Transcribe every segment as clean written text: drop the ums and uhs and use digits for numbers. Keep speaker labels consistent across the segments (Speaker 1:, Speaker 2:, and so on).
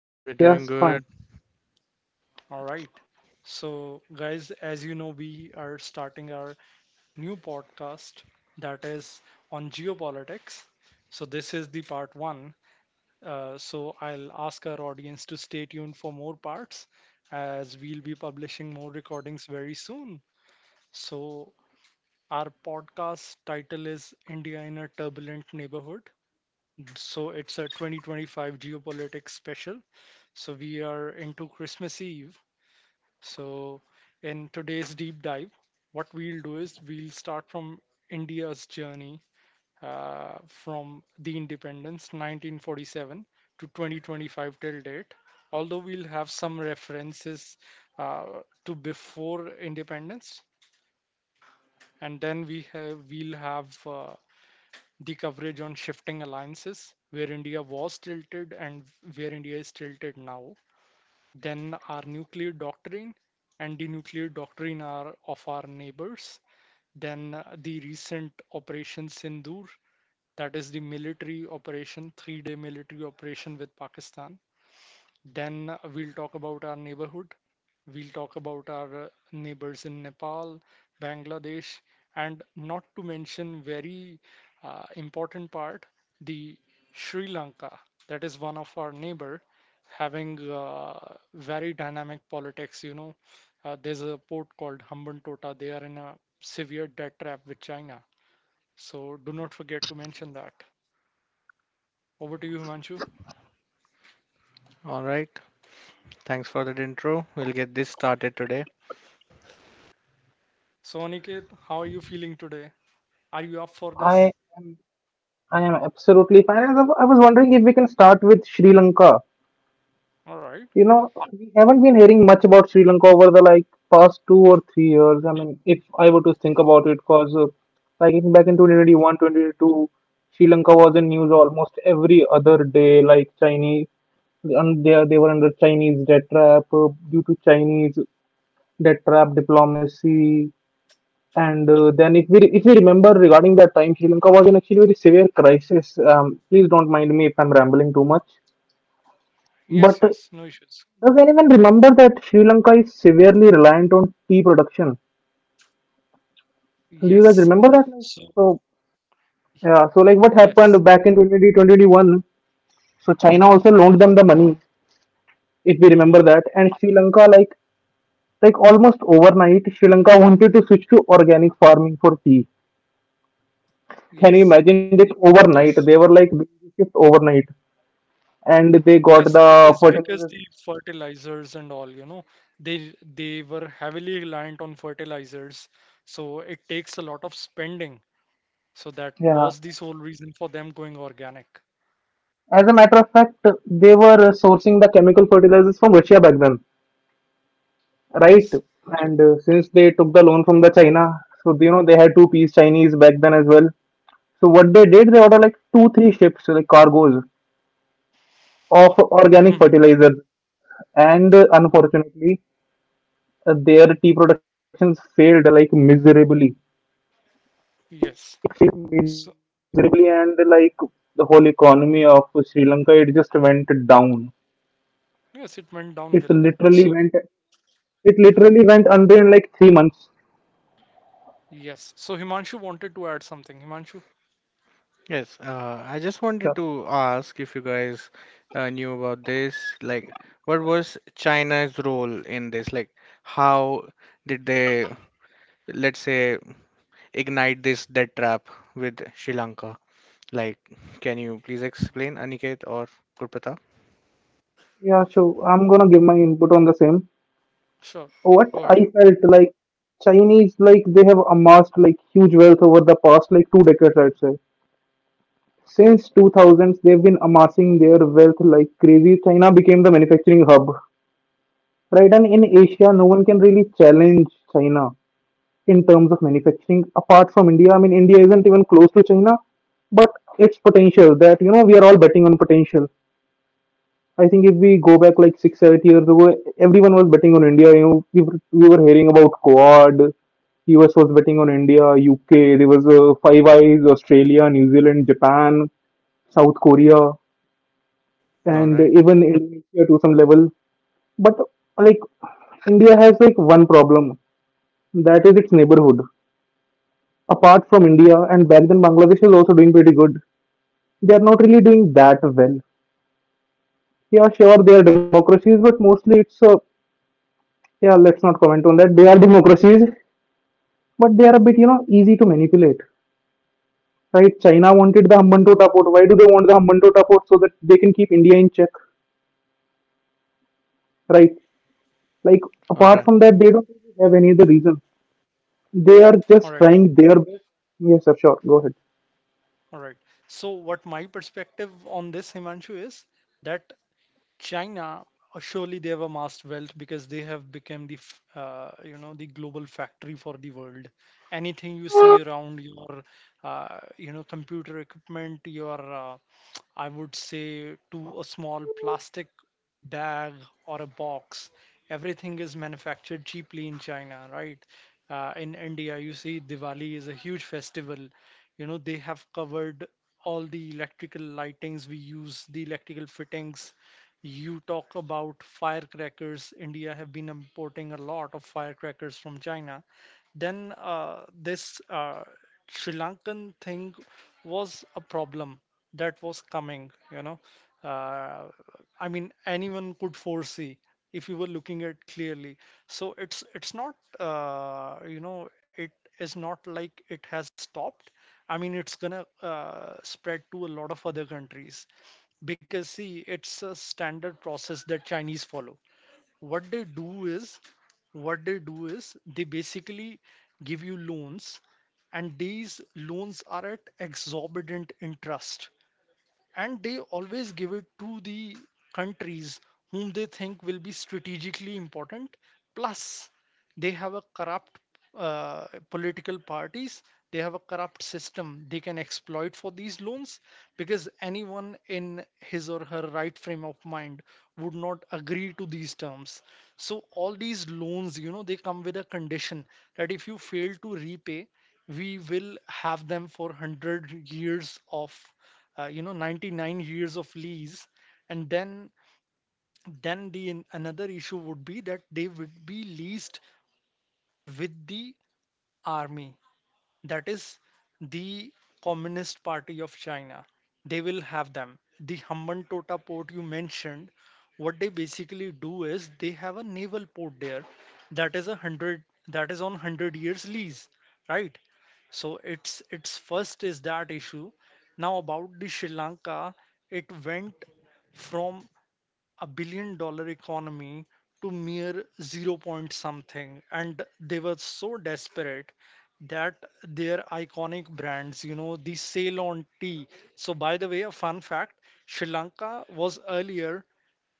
Speaker 1: And we are
Speaker 2: We're
Speaker 1: doing
Speaker 2: doing
Speaker 1: just
Speaker 2: good.
Speaker 1: fine.
Speaker 3: All right. So, guys, as you know, we are starting our new podcast that is on geopolitics. So this is the part one. So, I'll ask our audience to stay tuned for more parts as we'll be publishing more recordings very soon. So our podcast title is India in a Turbulent Neighborhood. So it's a 2025 geopolitics special. So we are into Christmas Eve. So in today's deep dive, what we'll do is we'll start from India's journey from the independence 1947 to 2025 till date. Although we'll have some references uh, to before independence, and then we'll have the coverage on shifting alliances, where India was tilted and where India is tilted now, then our nuclear doctrine and the nuclear doctrine are of our neighbors, then the recent Operation Sindoor, that is the military operation, 3 day military operation with Pakistan. Then we'll talk about our neighborhood. We'll talk about our neighbors in Nepal, Bangladesh, and not to mention very important part, the Sri Lanka. That is one of our neighbor having very dynamic politics. You know, there's a port called Hambantota. Tota. They are in a severe debt trap with China. So do not forget to mention that. Over to you, Himanshu.
Speaker 2: All right. Thanks for that intro. We'll get this started today.
Speaker 3: So Aniket, how are you feeling today? Are you up for
Speaker 1: I
Speaker 3: this?
Speaker 1: am, I am absolutely fine. And I was wondering if we can start with Sri Lanka.
Speaker 3: All right.
Speaker 1: You know, we haven't been hearing much about Sri Lanka over the like past 2 or 3 years. I mean, if I were to think about it, because like back in 2021, Sri Lanka was in news almost every other day. Like Chinese, and they were under Chinese debt trap due to Chinese debt trap diplomacy. And then, if we remember regarding that time, Sri Lanka was in actually very severe crisis. Please don't mind me if I'm rambling too much. But
Speaker 3: Yes,
Speaker 1: uh,
Speaker 3: yes, no issues.
Speaker 1: does anyone remember that Sri Lanka is severely reliant on tea production? Do you guys
Speaker 3: Yes.
Speaker 1: remember that? Like,
Speaker 3: So.
Speaker 1: so yeah, so like what happened
Speaker 3: Yes.
Speaker 1: back in 2021? So China also loaned them the money, if we remember
Speaker 3: Mm-hmm.
Speaker 1: that. And Sri Lanka, like almost overnight, Sri Lanka wanted to switch to organic farming for tea. Can you
Speaker 3: Yes.
Speaker 1: imagine this overnight?
Speaker 2: Yes.
Speaker 1: They were like doing this shift overnight. And they got
Speaker 3: Yes, it
Speaker 1: the
Speaker 3: is because
Speaker 1: fertilizers.
Speaker 3: the fertilizers and all, you know, they were heavily reliant on fertilizers, so it takes a lot of spending. So that
Speaker 1: Yeah.
Speaker 3: was the sole reason for them going organic.
Speaker 1: As a matter of fact, they were sourcing the chemical fertilizers from Russia back then, right?
Speaker 3: Yes.
Speaker 1: And since they took the loan from the China, so you know they had two-piece Chinese back then as well. So what they did, they ordered like two, three ships, like cargos of organic
Speaker 3: Hmm.
Speaker 1: fertilizers, and unfortunately, their tea productions failed like miserably,
Speaker 3: Yes. So
Speaker 1: miserably, and like the whole economy of Sri Lanka, it just went down.
Speaker 3: yes,
Speaker 1: It
Speaker 3: it went
Speaker 1: literally
Speaker 3: downhill.
Speaker 1: went.
Speaker 3: So
Speaker 1: It literally went under in like 3 months.
Speaker 3: yes. So Himanshu wanted to add something. Himanshu,
Speaker 2: Yes,
Speaker 1: Sure.
Speaker 2: I just wanted to ask if you guys knew about this. Like, what was China's role in this? Like, how did they, let's say, ignite this debt trap with Sri Lanka? Like, can you please explain, Aniket or Gurpata?
Speaker 1: Yeah, so I'm gonna give my input on the same.
Speaker 3: sure.
Speaker 1: What
Speaker 3: Go ahead.
Speaker 1: I felt like, Chinese, like they have amassed like huge wealth over the past like 2 decades, I'd say. Since 2000s, they've been amassing their wealth like crazy. China became the manufacturing hub, right? And in Asia, no one can really challenge China in terms of manufacturing apart from India. I mean, India isn't even close to China, but its potential, that you know we are all betting on potential. I think if we go back like 6, 7 years ago, everyone was betting on India. You know, we were hearing about Quad. US was betting on India, UK. There was Five Eyes, Australia, New Zealand, Japan, South Korea,
Speaker 2: All
Speaker 1: and
Speaker 2: right.
Speaker 1: even Indonesia to some level. But like India has like one problem, that is its neighborhood. Apart from India, and back then Bangladesh is also doing pretty good. They are not really doing that well. Yeah, sure, they are democracies, but mostly it's a, yeah, let's not comment on that. They are democracies, but they are a bit, you know, easy to manipulate. Right. China wanted the Hambantota port. Why do they want the Hambantota port? So that they can keep India in check. Right. Like,
Speaker 2: All
Speaker 1: apart
Speaker 2: right.
Speaker 1: from that, they don't really have any other reason. They are
Speaker 3: All
Speaker 1: just
Speaker 3: right.
Speaker 1: trying their best. Yes, sir, sure, go ahead.
Speaker 3: All right. So what my perspective on this, Himanshu, is that China, surely they have amassed wealth because they have become the, you know, the global factory for the world. Anything you see around your, you know, computer equipment, your, I would say, to a small plastic bag or a box, everything is manufactured cheaply in China, right? In India, you see Diwali is a huge festival. You know, they have covered all the electrical lightings. We use the electrical fittings. You talk about firecrackers. India have been importing a lot of firecrackers from China. Then this Sri Lankan thing was a problem that was coming, you know. uh, I mean, anyone could foresee if you were looking at clearly. So it's not, you know, it is not like it has stopped. I mean, it's gonna spread to a lot of other countries because see, it's a standard process that Chinese follow. What they do is, what they do is they basically give you loans, and these loans are at exorbitant interest and they always give it to the countries whom they think will be strategically important. Plus they have a corrupt political parties. They have a corrupt system they can exploit for these loans, because anyone in his or her right frame of mind would not agree to these terms. So all these loans, you know, they come with a condition that if you fail to repay, we will have them for 100 years of, you know, 99 years of lease. And then the another issue would be that they would be leased with the army, that is the communist party of China. They will have them the Hambantota Tota port you mentioned. What they basically do is they have a naval port there that is a hundred that is on 100 years lease, right? So it's first is that issue. Now about the Sri Lanka, it went from a $1 billion economy to mere zero point something, and they were so desperate that their iconic brands, you know, the Ceylon tea. So by the way, a fun fact, Sri Lanka was earlier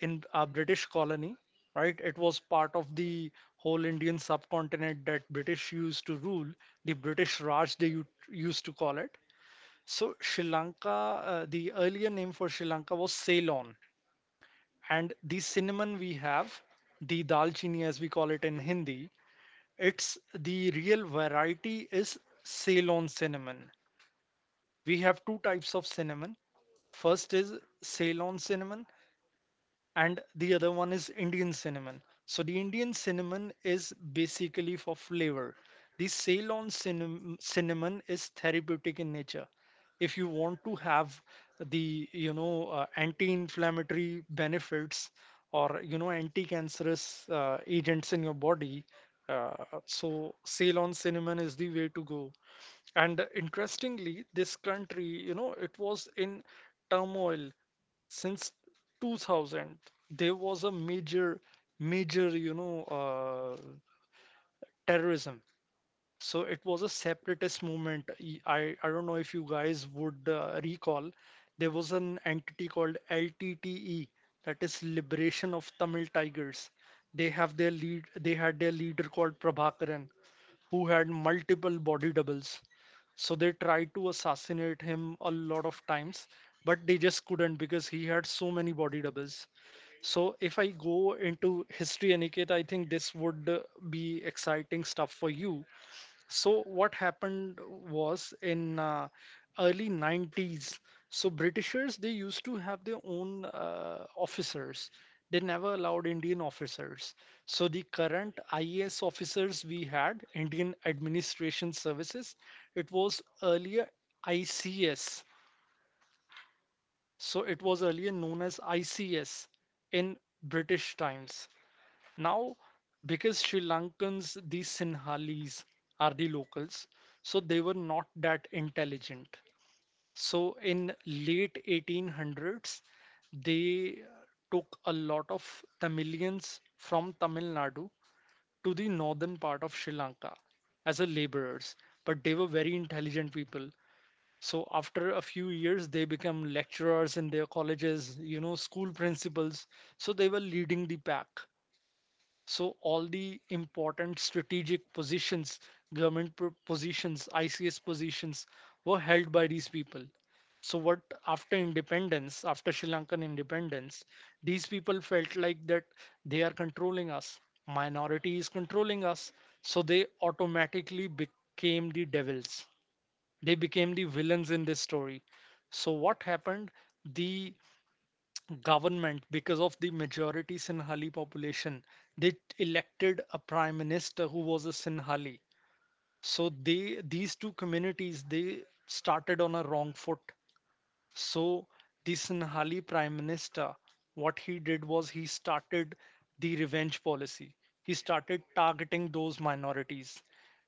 Speaker 3: in a British colony, right? It was part of the whole Indian subcontinent that British used to rule. The British Raj they used to call it. So Sri Lanka, the earlier name for Sri Lanka was Ceylon. And the cinnamon we have, the dalchini as we call it in Hindi, it's the real variety is Ceylon cinnamon. We have two types of cinnamon. First is Ceylon cinnamon, and the other one is Indian cinnamon. So the Indian cinnamon is basically for flavor. The Ceylon cinnamon, cinnamon is therapeutic in nature. If you want to have the, you know, anti-inflammatory benefits or, you know, anti-cancerous agents in your body, uh, so Ceylon cinnamon is the way to go. And interestingly, this country, you know, it was in turmoil since 2000. There was a major, you know, terrorism. So it was a separatist movement. I don't know if you guys would recall. There was an entity called LTTE, that is Liberation of Tamil Tigers. They had their leader called Prabhakaran, who had multiple body doubles. So they tried to assassinate him a lot of times, but they just couldn't because he had so many body doubles. So if I go into history, Aniket, I think this would be exciting stuff for you. So what happened was in early '90s. So Britishers, they used to have their own officers. They never allowed Indian officers. So the current IAS officers we had, Indian Administration Services, it was earlier ICS. So it was earlier known as ICS in British times. Now, because Sri Lankans, these Sinhalese are the locals, so they were not that intelligent. So in late 1800s, they took a lot of Tamilians from Tamil Nadu to the northern part of Sri Lanka as a laborers, but they were very intelligent people. So after a few years, they become lecturers in their colleges, you know, school principals. So they were leading the pack. So all the important strategic positions, government positions, ICS positions were held by these people. So what after independence, after Sri Lankan independence, these people felt like that they are controlling us. Minority is controlling us. So they automatically became the devils. They became the villains in this story. So what happened? The government because of the majority Sinhali population. They elected a prime minister who was a Sinhali. So they these two communities they started on a wrong foot. So the Sinhali Prime Minister, what he did was he started the revenge policy. He started targeting those minorities.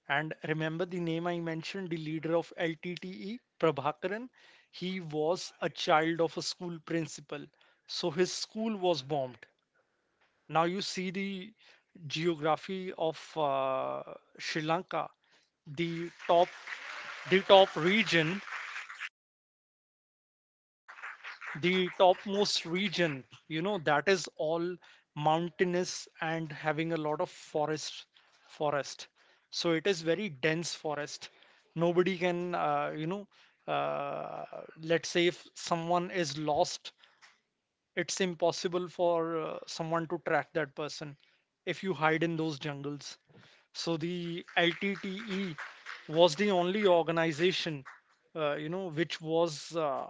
Speaker 3: And remember the name I mentioned, the leader of LTTE, Prabhakaran? He was a child of a school principal. So his school was bombed. Now you see the geography of Sri Lanka, the top, the top region, the topmost region, you know, that is all mountainous and having a lot of forest. So it is very dense forest. Nobody can, you know, uh, let's say if someone is lost, it's impossible for someone to track that person if you hide in those jungles. So the LTTE was the only organization, you know,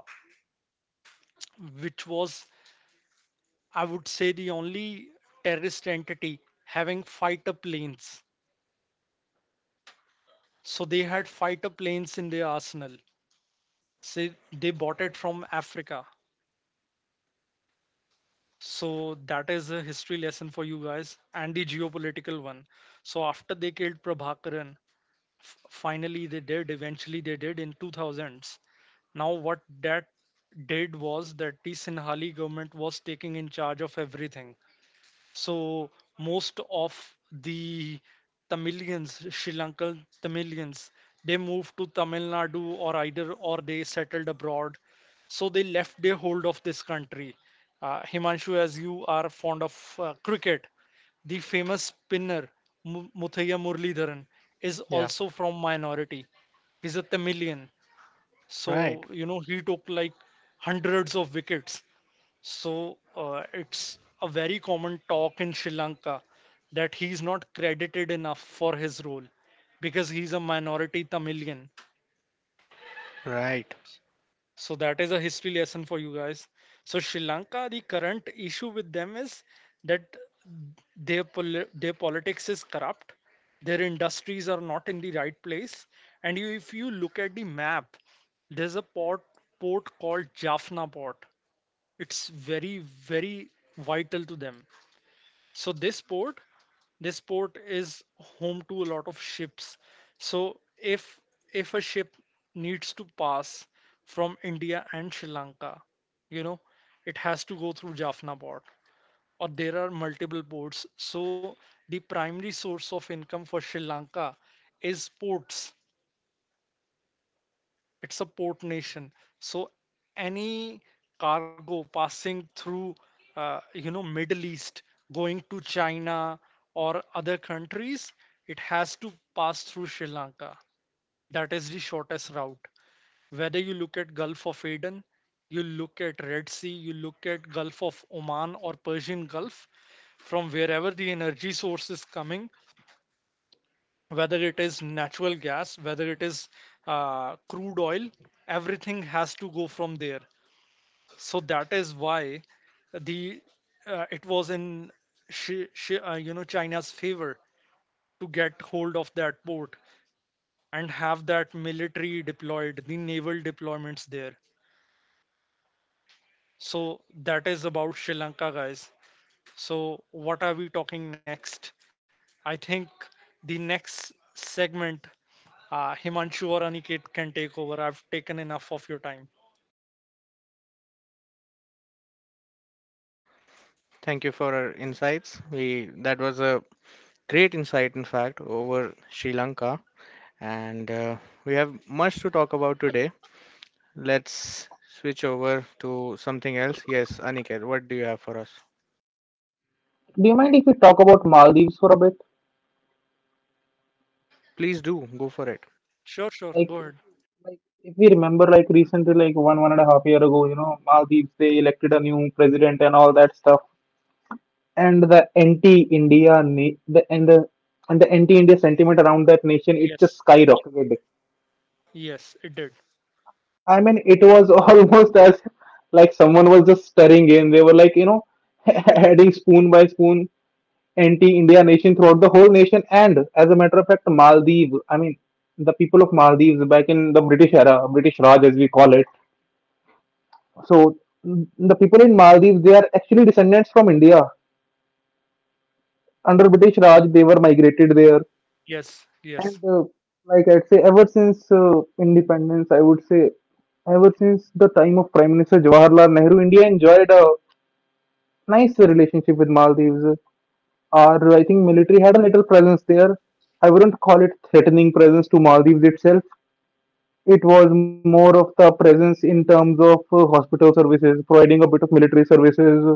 Speaker 3: which was, I would say, the only terrorist entity having fighter planes. So they had fighter planes in their arsenal. Say they bought it from Africa. So that is a history lesson for you guys and the geopolitical one. So after they killed Prabhakaran, eventually they did in 2000s. Now what that did was that the Sinhali government was taking in charge of everything. So most of the Tamilians, Sri Lankan Tamilians, they moved to Tamil Nadu or either or they settled abroad. So they left their hold of this country. Himanshu, as you are fond of cricket, the famous spinner Muthaiya Muralidharan is
Speaker 2: Yeah.
Speaker 3: also from minority. He's a Tamilian.
Speaker 2: Right.
Speaker 3: So, you know, he took like hundreds of wickets. So, it's a very common talk in Sri Lanka that he's not credited enough for his role because he's a minority Tamilian.
Speaker 2: Right.
Speaker 3: So that is a history lesson for you guys. So Sri Lanka, the current issue with them is that their their politics is corrupt, their industries are not in the right place, and you, if you look at the map, there's a port called Jaffna Port. It's very vital to them. So this port is home to a lot of ships. So if a ship needs to pass from India and Sri Lanka, you know, it has to go through Jaffna Port, or there are multiple ports. So the primary source of income for Sri Lanka is ports. It's a port nation. So any cargo passing through, you know, Middle East, going to China or other countries, it has to pass through Sri Lanka. That is the shortest route. Whether you look at Gulf of Aden, you look at Red Sea, you look at Gulf of Oman or Persian Gulf, from wherever the energy source is coming, whether it is natural gas, whether it is crude oil, everything has to go from there. So that is why the it was in you know, China's favor to get hold of that port and have that military deployed, the naval deployments there. So that is about Sri Lanka, guys. So what are we talking next? I think the next segment Himanshu or Aniket can take over. I've taken enough of your time.
Speaker 2: Thank you for our insights. We that was a great insight, in fact, over Sri Lanka, and we have much to talk about today. Let's switch over to something else. Yes, Aniket, what do you have for us?
Speaker 1: Do you mind if we talk about Maldives for a bit?
Speaker 2: Please do go for it.
Speaker 3: Sure, sure. Go
Speaker 1: Like,
Speaker 3: ahead.
Speaker 1: like if we remember, like recently, like one and a half year ago, you know, Maldives, they elected a new president and all that stuff. And the anti-India na- the and the and the anti-India sentiment around that nation, it
Speaker 3: Yes.
Speaker 1: just skyrocketed.
Speaker 3: Yes, it did.
Speaker 1: I mean, it was almost as like someone was just stirring in. They were like, you know, adding spoon by spoon anti-India nation throughout the whole nation. And as a matter of fact, Maldives, I mean, the people of Maldives back in the British era, British Raj as we call it. So, the people in Maldives, they are actually descendants from India. Under British Raj, they were migrated there.
Speaker 3: Yes.
Speaker 1: And
Speaker 3: Yes.
Speaker 1: uh, like, I'd say ever since independence, I would say ever since the time of Prime Minister Jawaharlal Nehru, India enjoyed a nice relationship with Maldives. Our, I think, military had a little presence there. I wouldn't call it threatening presence to Maldives itself. It was more of the presence in terms of hospital services, providing a bit of military services,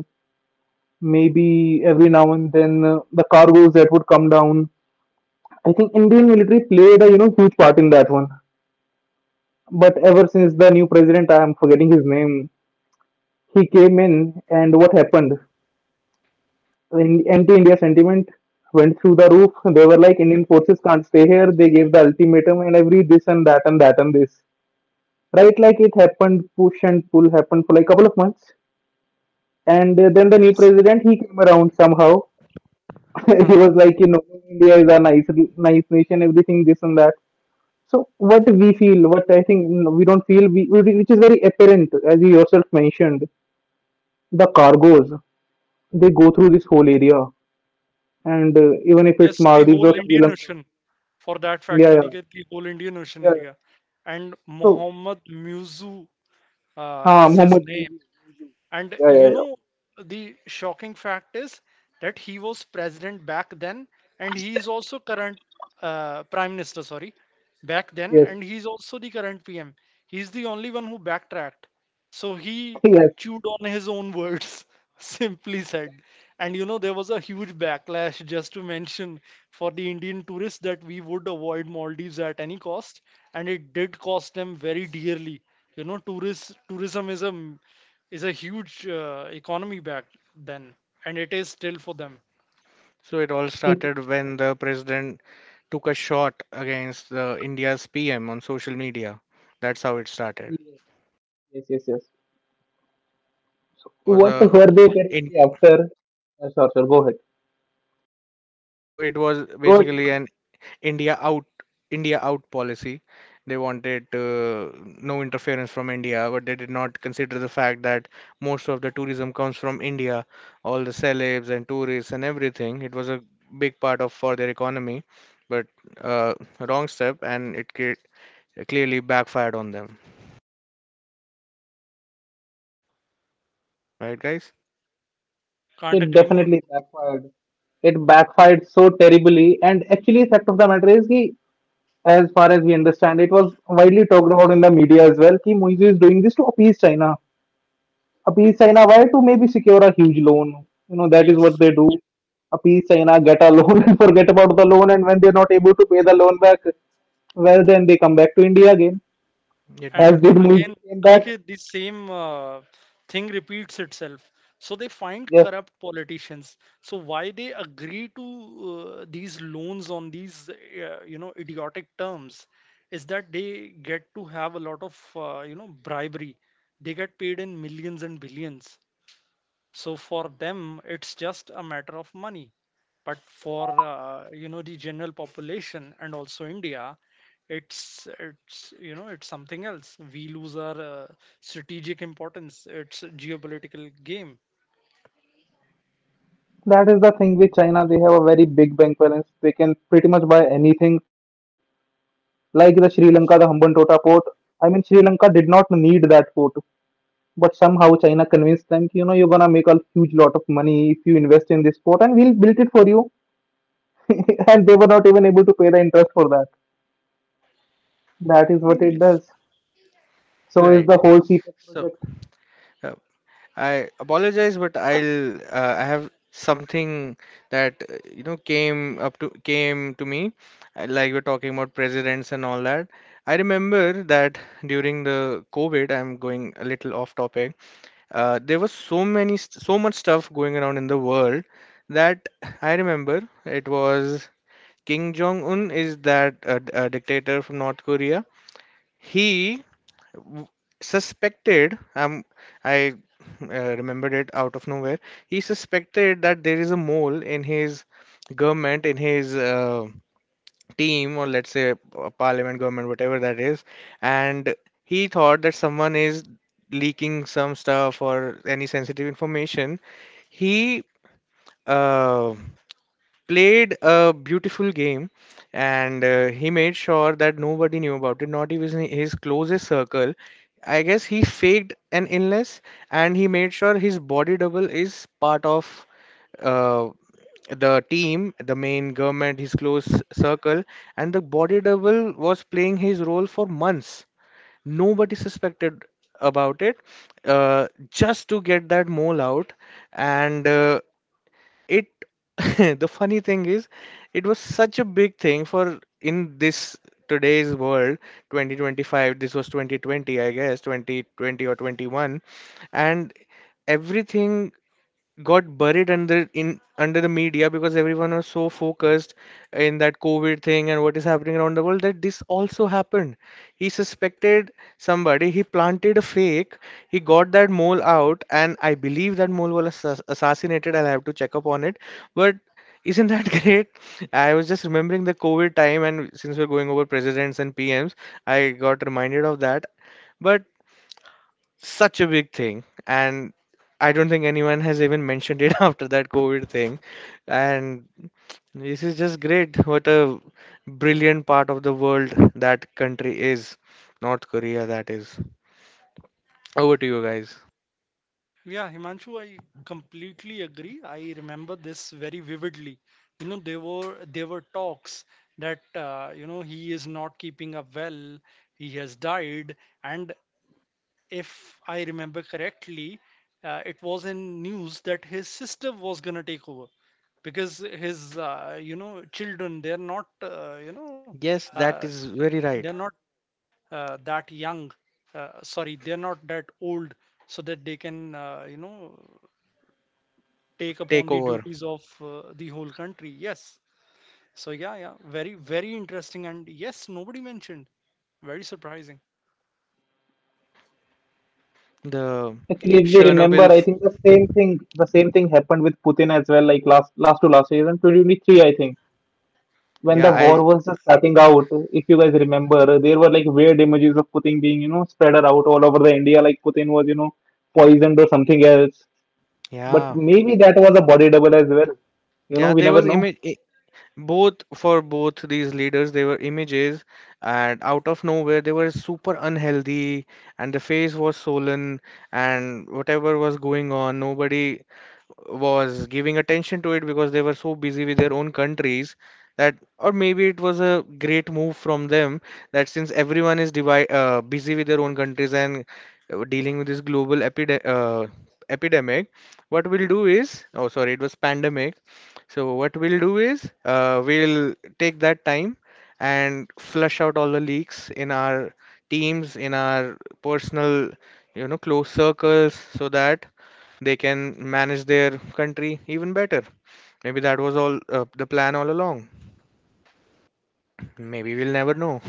Speaker 1: maybe every now and then the cargoes that would come down. I think Indian military played a, you know, huge part in that one. But ever since the new president, I am forgetting his name, he came in, and what happened? In anti-India sentiment went through the roof. They were like, Indian forces can't stay here. They gave the ultimatum and every this and that and that and this. Right, like it happened, push and pull happened for like a couple of months, and then the new
Speaker 3: Yes.
Speaker 1: president, he came around somehow.
Speaker 3: Uh
Speaker 1: He was
Speaker 3: huh.
Speaker 1: like, you know, India is a nice, nice nation, everything this and that. So what we feel, what I think, we don't feel, which is very apparent, as you yourself mentioned, the cargoes, they go through this whole area, and even if it's
Speaker 3: Yes, the
Speaker 1: Maldives or,
Speaker 3: whole
Speaker 1: yep, Sri
Speaker 3: Indian
Speaker 1: Lanka.
Speaker 3: Ocean. For that fact,
Speaker 1: Yeah, yeah,
Speaker 3: Aniket, the whole Indian Ocean
Speaker 1: yeah, yeah.
Speaker 3: area. And
Speaker 1: so
Speaker 3: Muhammad Muzu
Speaker 1: uh,
Speaker 3: is his
Speaker 1: Mohammed,
Speaker 3: name. And
Speaker 1: Yeah,
Speaker 3: you
Speaker 1: yeah,
Speaker 3: know, the shocking fact is that he was president back then, and he is also current prime minister, sorry, back
Speaker 1: yeah,
Speaker 3: then,
Speaker 1: yes.
Speaker 3: and he's also the current PM. He's the only one who backtracked. So he chewed on his own words, simply said. And you know, there was a huge backlash, just to mention, for the Indian tourists, that we would avoid Maldives at any cost, and it did cost them very dearly. You know, tourist tourism is a huge economy back then, and it is still for them.
Speaker 2: So it all
Speaker 1: Yes.
Speaker 2: started when the president took a shot against India's PM on social media. That's how it started.
Speaker 1: Yes, yes, yes, yes.
Speaker 2: It was
Speaker 1: What
Speaker 2: a
Speaker 1: were they
Speaker 2: in
Speaker 1: directly after? Sure, sure. Go ahead.
Speaker 2: so it was
Speaker 1: Go ahead.
Speaker 2: basically an India out India out policy. They wanted no interference from India, but they did not consider the fact that most of the tourism comes from India, all the celebs and tourists and everything. It was a big part of for their economy, but wrong step, and clearly backfired on them. Right, guys?
Speaker 3: Can't
Speaker 1: It
Speaker 3: agree more.
Speaker 1: definitely backfired. It backfired so terribly. And actually, fact of the matter is, he, as far as we understand, it was widely talked about in the media as well. Ki Moise is doing this to appease China. A P Saina, why, to maybe secure a huge loan? You know, that is what
Speaker 3: Yes.
Speaker 1: they do. A P China, get a loan, and forget about the loan, and when they're not able to pay the loan back, well, then they come back to India again,
Speaker 2: It, m-
Speaker 3: And
Speaker 1: as did Moise
Speaker 3: again,
Speaker 1: came back.
Speaker 3: Aniket, the same thing repeats itself. So they find
Speaker 1: Yes,
Speaker 3: corrupt politicians. So why they agree to these loans on these, you know, idiotic terms is that they get to have a lot of, you know, bribery. They get paid in millions and billions. So for them, it's just a matter of money, but for you know, the general population and also India, it's, you know, it's something else. We lose our strategic importance. It's a geopolitical game.
Speaker 1: that is the thing with China. They have a very big bank balance. They can pretty much buy anything, like the Sri Lanka, the Hambantota port. I mean, Sri Lanka did not need that port, but somehow China convinced them, you know, you're gonna make a huge lot of money if you invest in this port, and we'll build it for you, and they were not even able to pay the interest for that. That is what it
Speaker 3: Yes.
Speaker 1: does. So is
Speaker 2: right.
Speaker 1: the whole CPEC
Speaker 2: So.
Speaker 1: project.
Speaker 2: I apologize, but I'll I have something that came up to came to me, like we're talking about presidents and all that. I remember that during the COVID, I'm going a little off topic. There was so so much stuff going around in the world that I remember it was Kim Jong Un. Is that dictator from North Korea. He w- Suspected. I remembered it out of nowhere. He suspected that there is a mole in his government, in his team, or let's say a parliament, government, whatever that is. And he thought that someone is leaking some stuff or any sensitive information. He uh, played a beautiful game, and he made sure that nobody knew about it, not even his closest circle. I guess he faked an illness, and he made sure his body double is part of uh, the team, the main government, his close circle, and the body double was playing his role for months. Nobody suspected about it, just to get that mole out. And it, the funny thing is, it was such a big thing for in this today's world, 2025. This was 2020, I guess, 2020 or 21. And everything got buried under the media because everyone was so focused in that COVID thing and what is happening around the world, that this also happened. He suspected somebody, he planted a fake, he got that mole out, and I believe that mole was assassinated. I'll have to check up on it. But isn't that great? I was just remembering the COVID time, and since we're going over presidents and PMs, I got reminded of that. But such a big thing, and I don't think anyone has even mentioned it after that COVID thing. And this is just great. What a brilliant part of the world that country is. North Korea, that is. Over to you guys.
Speaker 3: Yeah, Himanshu, I completely agree. I remember this very vividly. You know, there were talks that you know, he is not keeping up well. He has died, and if I remember correctly, it was in news that his sister was gonna take over because his, you know, children, they're not, you know,
Speaker 2: Yes,
Speaker 3: uh,
Speaker 2: that is very
Speaker 3: they're
Speaker 2: right.
Speaker 3: not, that young. Sorry, they're not that old, so that they can, you know, take upon
Speaker 2: Take
Speaker 3: the
Speaker 2: over.
Speaker 3: duties of the whole country. Yes. So yeah, yeah, very interesting, and yes, nobody mentioned. Very surprising.
Speaker 2: The
Speaker 1: Actually, if we remember,
Speaker 2: chernobyl
Speaker 1: I
Speaker 2: f-
Speaker 1: think the same thing happened with Putin as well. Like last, last to last year, in 2023, I think, when the
Speaker 2: yeah
Speaker 1: war
Speaker 2: i
Speaker 1: was just starting out. If you guys remember, there were like weird images of Putin being, you know, spread out all over the India, like Putin was, you know, poisoned or something else. But
Speaker 2: yeah,
Speaker 1: maybe that was a body double as well. You know,
Speaker 2: yeah,
Speaker 1: we
Speaker 2: there
Speaker 1: never
Speaker 2: was
Speaker 1: know.
Speaker 2: image, both for both these leaders. They were images, and out of nowhere they were super unhealthy, and the face was swollen, and whatever was going on, nobody was giving attention to it because they were so busy with their own countries. That, or maybe it was a great move from them, that since everyone is busy with their own countries and dealing with this global epidemic, what we'll do is, oh sorry, it was pandemic. So what we'll do is, we'll take that time and flush out all the leaks in our teams, in our personal, you know, close circles, so that they can manage their country even better. Maybe that was all the plan all along. Maybe we'll never know.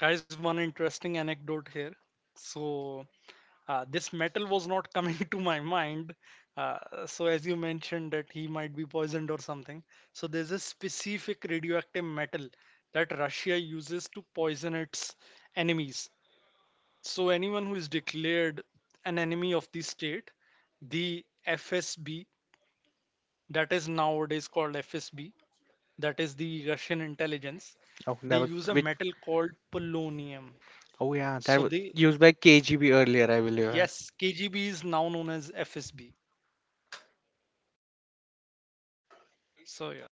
Speaker 3: Guys, one interesting anecdote here. So this metal was not coming to my mind. Uh, so, as you mentioned, that he might be poisoned or something. So there's a specific radioactive metal that Russia uses to poison its enemies. So anyone who is declared an enemy of the state, the FSB, that is nowadays called FSB, that is the Russian intelligence,
Speaker 2: Oh,
Speaker 3: they
Speaker 2: that was
Speaker 3: use a
Speaker 2: which,
Speaker 3: metal called polonium.
Speaker 2: oh yeah, that
Speaker 3: So,
Speaker 2: was
Speaker 3: they,
Speaker 2: used by KGB earlier, I believe.
Speaker 3: yes, KGB is now known as FSB. So, yeah.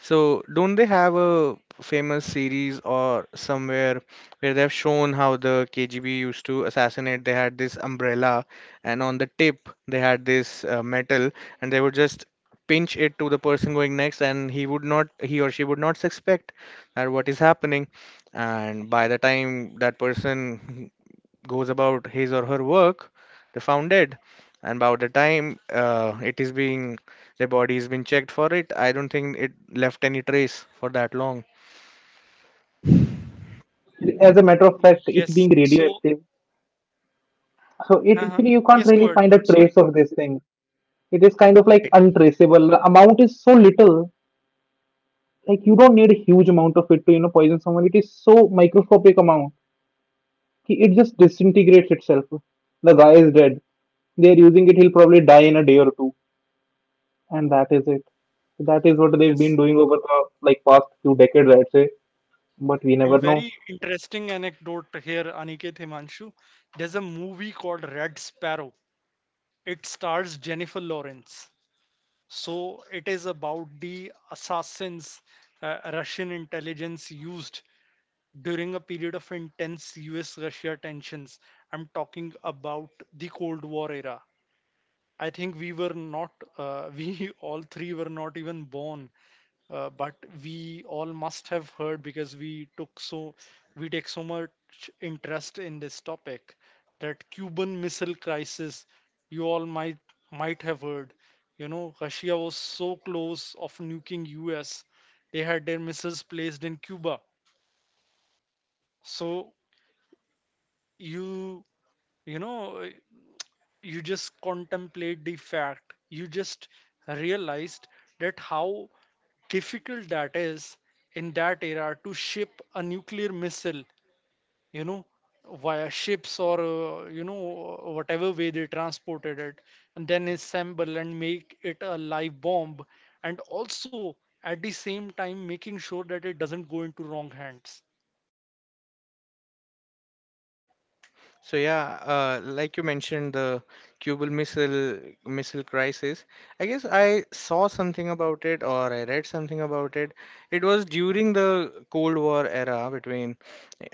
Speaker 2: So, don't they have a famous series or somewhere where they have shown how the KGB used to assassinate? They had this umbrella, and on the tip, they had this metal, and they would just pinch it to the person going next, and he would not, he or she would not suspect that what is happening. And by the time that person goes about his or her work, they found dead. And by the time their body has been checked for it, I don't think it left any trace for that long.
Speaker 1: As a matter of fact, it being
Speaker 3: Yes. So,
Speaker 1: radioactive, so it
Speaker 3: uh.
Speaker 1: actually, you can't
Speaker 3: Yes, go
Speaker 1: really
Speaker 3: ahead, go
Speaker 1: find a
Speaker 3: ahead. Sorry.
Speaker 1: trace of this thing. It is kind of like
Speaker 2: Right.
Speaker 1: untraceable. The amount is so little, like you don't need a huge amount of it to, you know, poison someone. It is so microscopic amount कि it just disintegrates itself. The guy is dead. They are using it. He'll probably die in a day or two, and that is it. That is what they've been
Speaker 3: Yes.
Speaker 1: doing over the like past few decades, I'd say. But we never
Speaker 3: And
Speaker 1: know.
Speaker 3: very interesting anecdote here, Aniket, Himanshu. There's a movie called Red Sparrow. It stars Jennifer Lawrence. So it is about the assassins Russian intelligence used during a period of intense US-Russia tensions. I'm talking about the Cold War era. I think we were not, we all three were not even born, but we all must have heard, because we took so we take so much interest in this topic, that Cuban Missile Crisis you all might have heard. You know, Russia was so close of nuking US. They had their missiles placed in Cuba. So you you know, you just contemplate the fact, you just realized that how difficult that is in that era to ship a nuclear missile, you know, via ships or, you know, whatever way they transported it, and then assemble and make it a live bomb, and also at the same time making sure that it doesn't go into wrong hands.
Speaker 2: So yeah, like you mentioned, the Cuban missile crisis. I guess I saw something about it or I read something about it. It was during the Cold War era between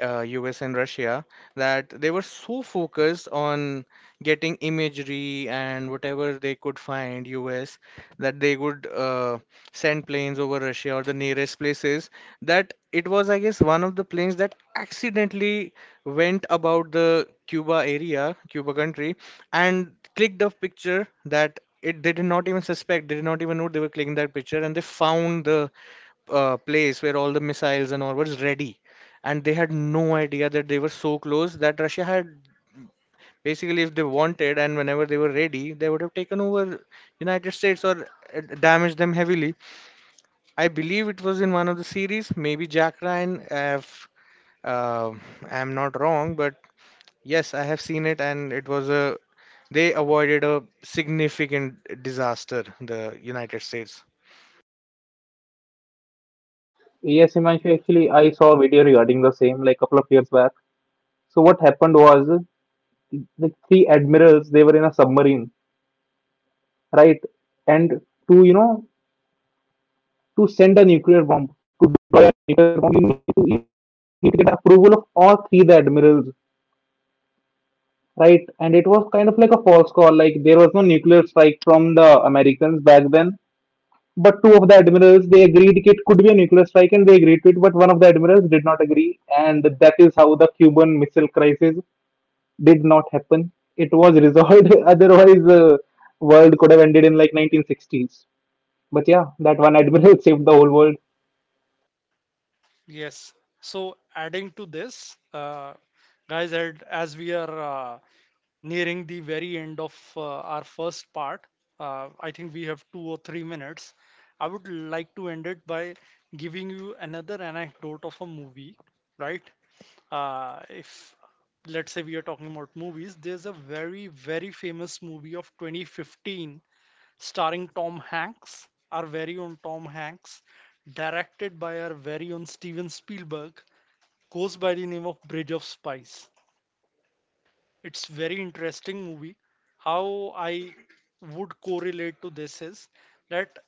Speaker 2: US and Russia, that they were so focused on getting imagery and whatever they could find US, that they would send planes over Russia or the nearest places. That it was, I guess, one of the planes that accidentally went about the Cuba area, Cuba country, and clicked a picture, that it, they did not even suspect, they did not even know they were clicking that picture, and they found the place where all the missiles and all was ready. And they had no idea that they were so close, that Russia had basically, if they wanted and whenever they were ready, they would have taken over United States or damaged them heavily. I believe it was in one of the series, maybe Jack Ryan, if uh, I'm not wrong, but yes, I have seen it, and it was a, they avoided a significant disaster, the United States.
Speaker 1: Yes, Himanshu, actually, I saw a video regarding the same like couple of years back. So what happened was, like three admirals, they were in a submarine, right? And to, you know, to send a nuclear bomb, you need to get approval of all three the admirals, right? And it was kind of like a false call. Like, there was no nuclear strike from the Americans back then, but two of the admirals, they agreed it could be a nuclear strike, and they agreed to it. But one of the admirals did not agree, and that is how the Cuban Missile Crisis did not happen. It was resolved. Otherwise, the world could have ended in like 1960s. But yeah, that one admiral saved the whole world.
Speaker 3: Yes. So adding to this, guys, and as we are uh, nearing the very end of our first part, I think we have 2 or 3 minutes. I would like to end it by giving you another anecdote of a movie, right? If let's say we are talking about movies, there's a very, very famous movie of 2015 starring Tom Hanks, our very own Tom Hanks, directed by our very own Steven Spielberg, goes by the name of Bridge of Spies. It's very interesting movie. How I would correlate to this is that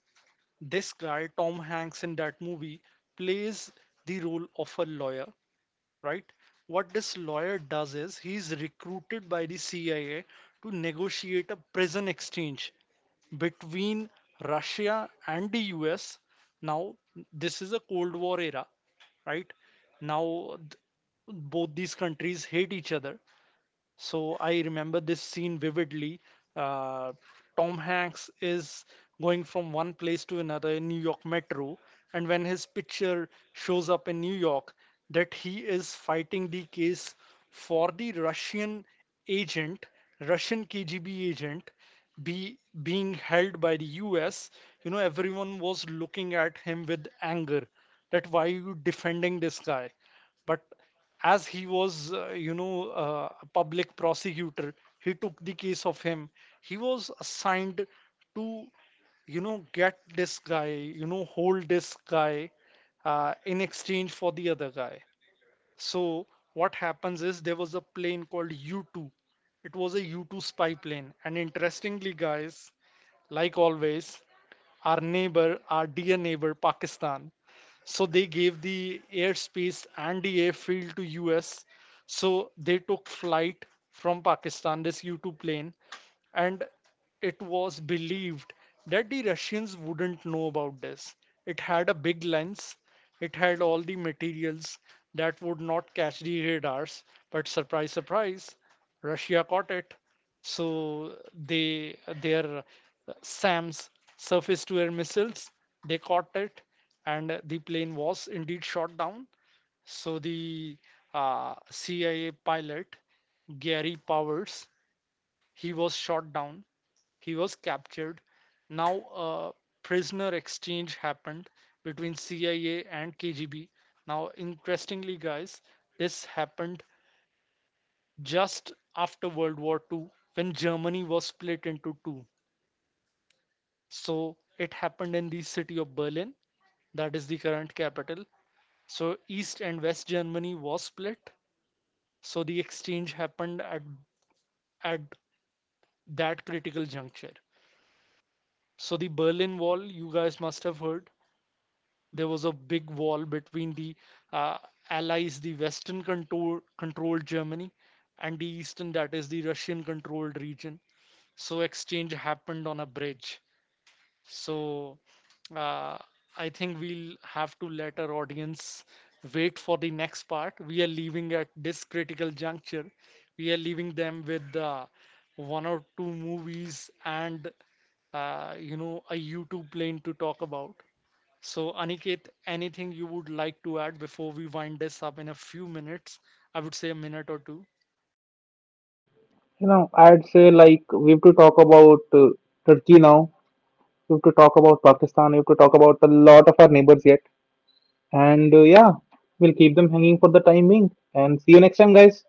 Speaker 3: this guy Tom Hanks in that movie plays the role of a lawyer, right? What this lawyer does is he's recruited by the CIA to negotiate a prison exchange between Russia and the US. Now, this is a Cold War era, right? Now, both these countries hate each other. So I remember this scene vividly. Uh, Tom Hanks is going from one place to another in New York Metro, and when his picture shows up in New York, that he is fighting the case for the Russian agent, Russian KGB agent, be being held by the US. You know, everyone was looking at him with anger. That why you defending this guy? But as he was, you know, a public prosecutor, he took the case of him, he was assigned to, you know, get this guy, you know, hold this guy, in exchange for the other guy. So what happens is there was a plane called U2. It was a U2 spy plane, and interestingly, guys, like always, our neighbor, our dear neighbor Pakistan, so they gave the airspace and the airfield to US. So they took flight from Pakistan, this U2 plane, and it was believed that the Russians wouldn't know about this. It had a big lens, it had all the materials that would not catch the radars. But surprise, surprise, Russia caught it. So they, their SAMs, surface to air missiles, they caught it, and the plane was indeed shot down. So the, CIA pilot Gary Powers, he was shot down. He was captured. Now a prisoner exchange happened between CIA and KGB. Now interestingly, guys, this happened just after World War II, when Germany was split into 2. So it happened in the city of Berlin, that is the current capital. So East and West Germany was split. So the exchange happened at at that critical juncture. So the Berlin Wall, you guys must have heard, there was a big wall between the, uh, allies, the Western controlled Germany, and the Eastern, that is the Russian controlled region. So exchange happened on a bridge. So, uh, I think we'll have to let our audience wait for the next part. We are leaving at this critical juncture. We are leaving them with, 1 or 2 movies and, you know, a YouTube plane to talk about. So Aniket, anything you would like to add before we wind this up in a few minutes? I would say a minute or two.
Speaker 1: You know, I'd say like we have to talk about Turkey now. We have to talk about Pakistan. We have to talk about a lot of our neighbors yet. And yeah, we'll keep them hanging for the time being. And see you next time, guys.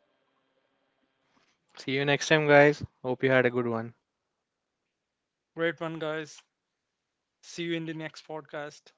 Speaker 2: See you next time, guys. Hope you had a good one.
Speaker 3: Great one, guys. See you in the next podcast.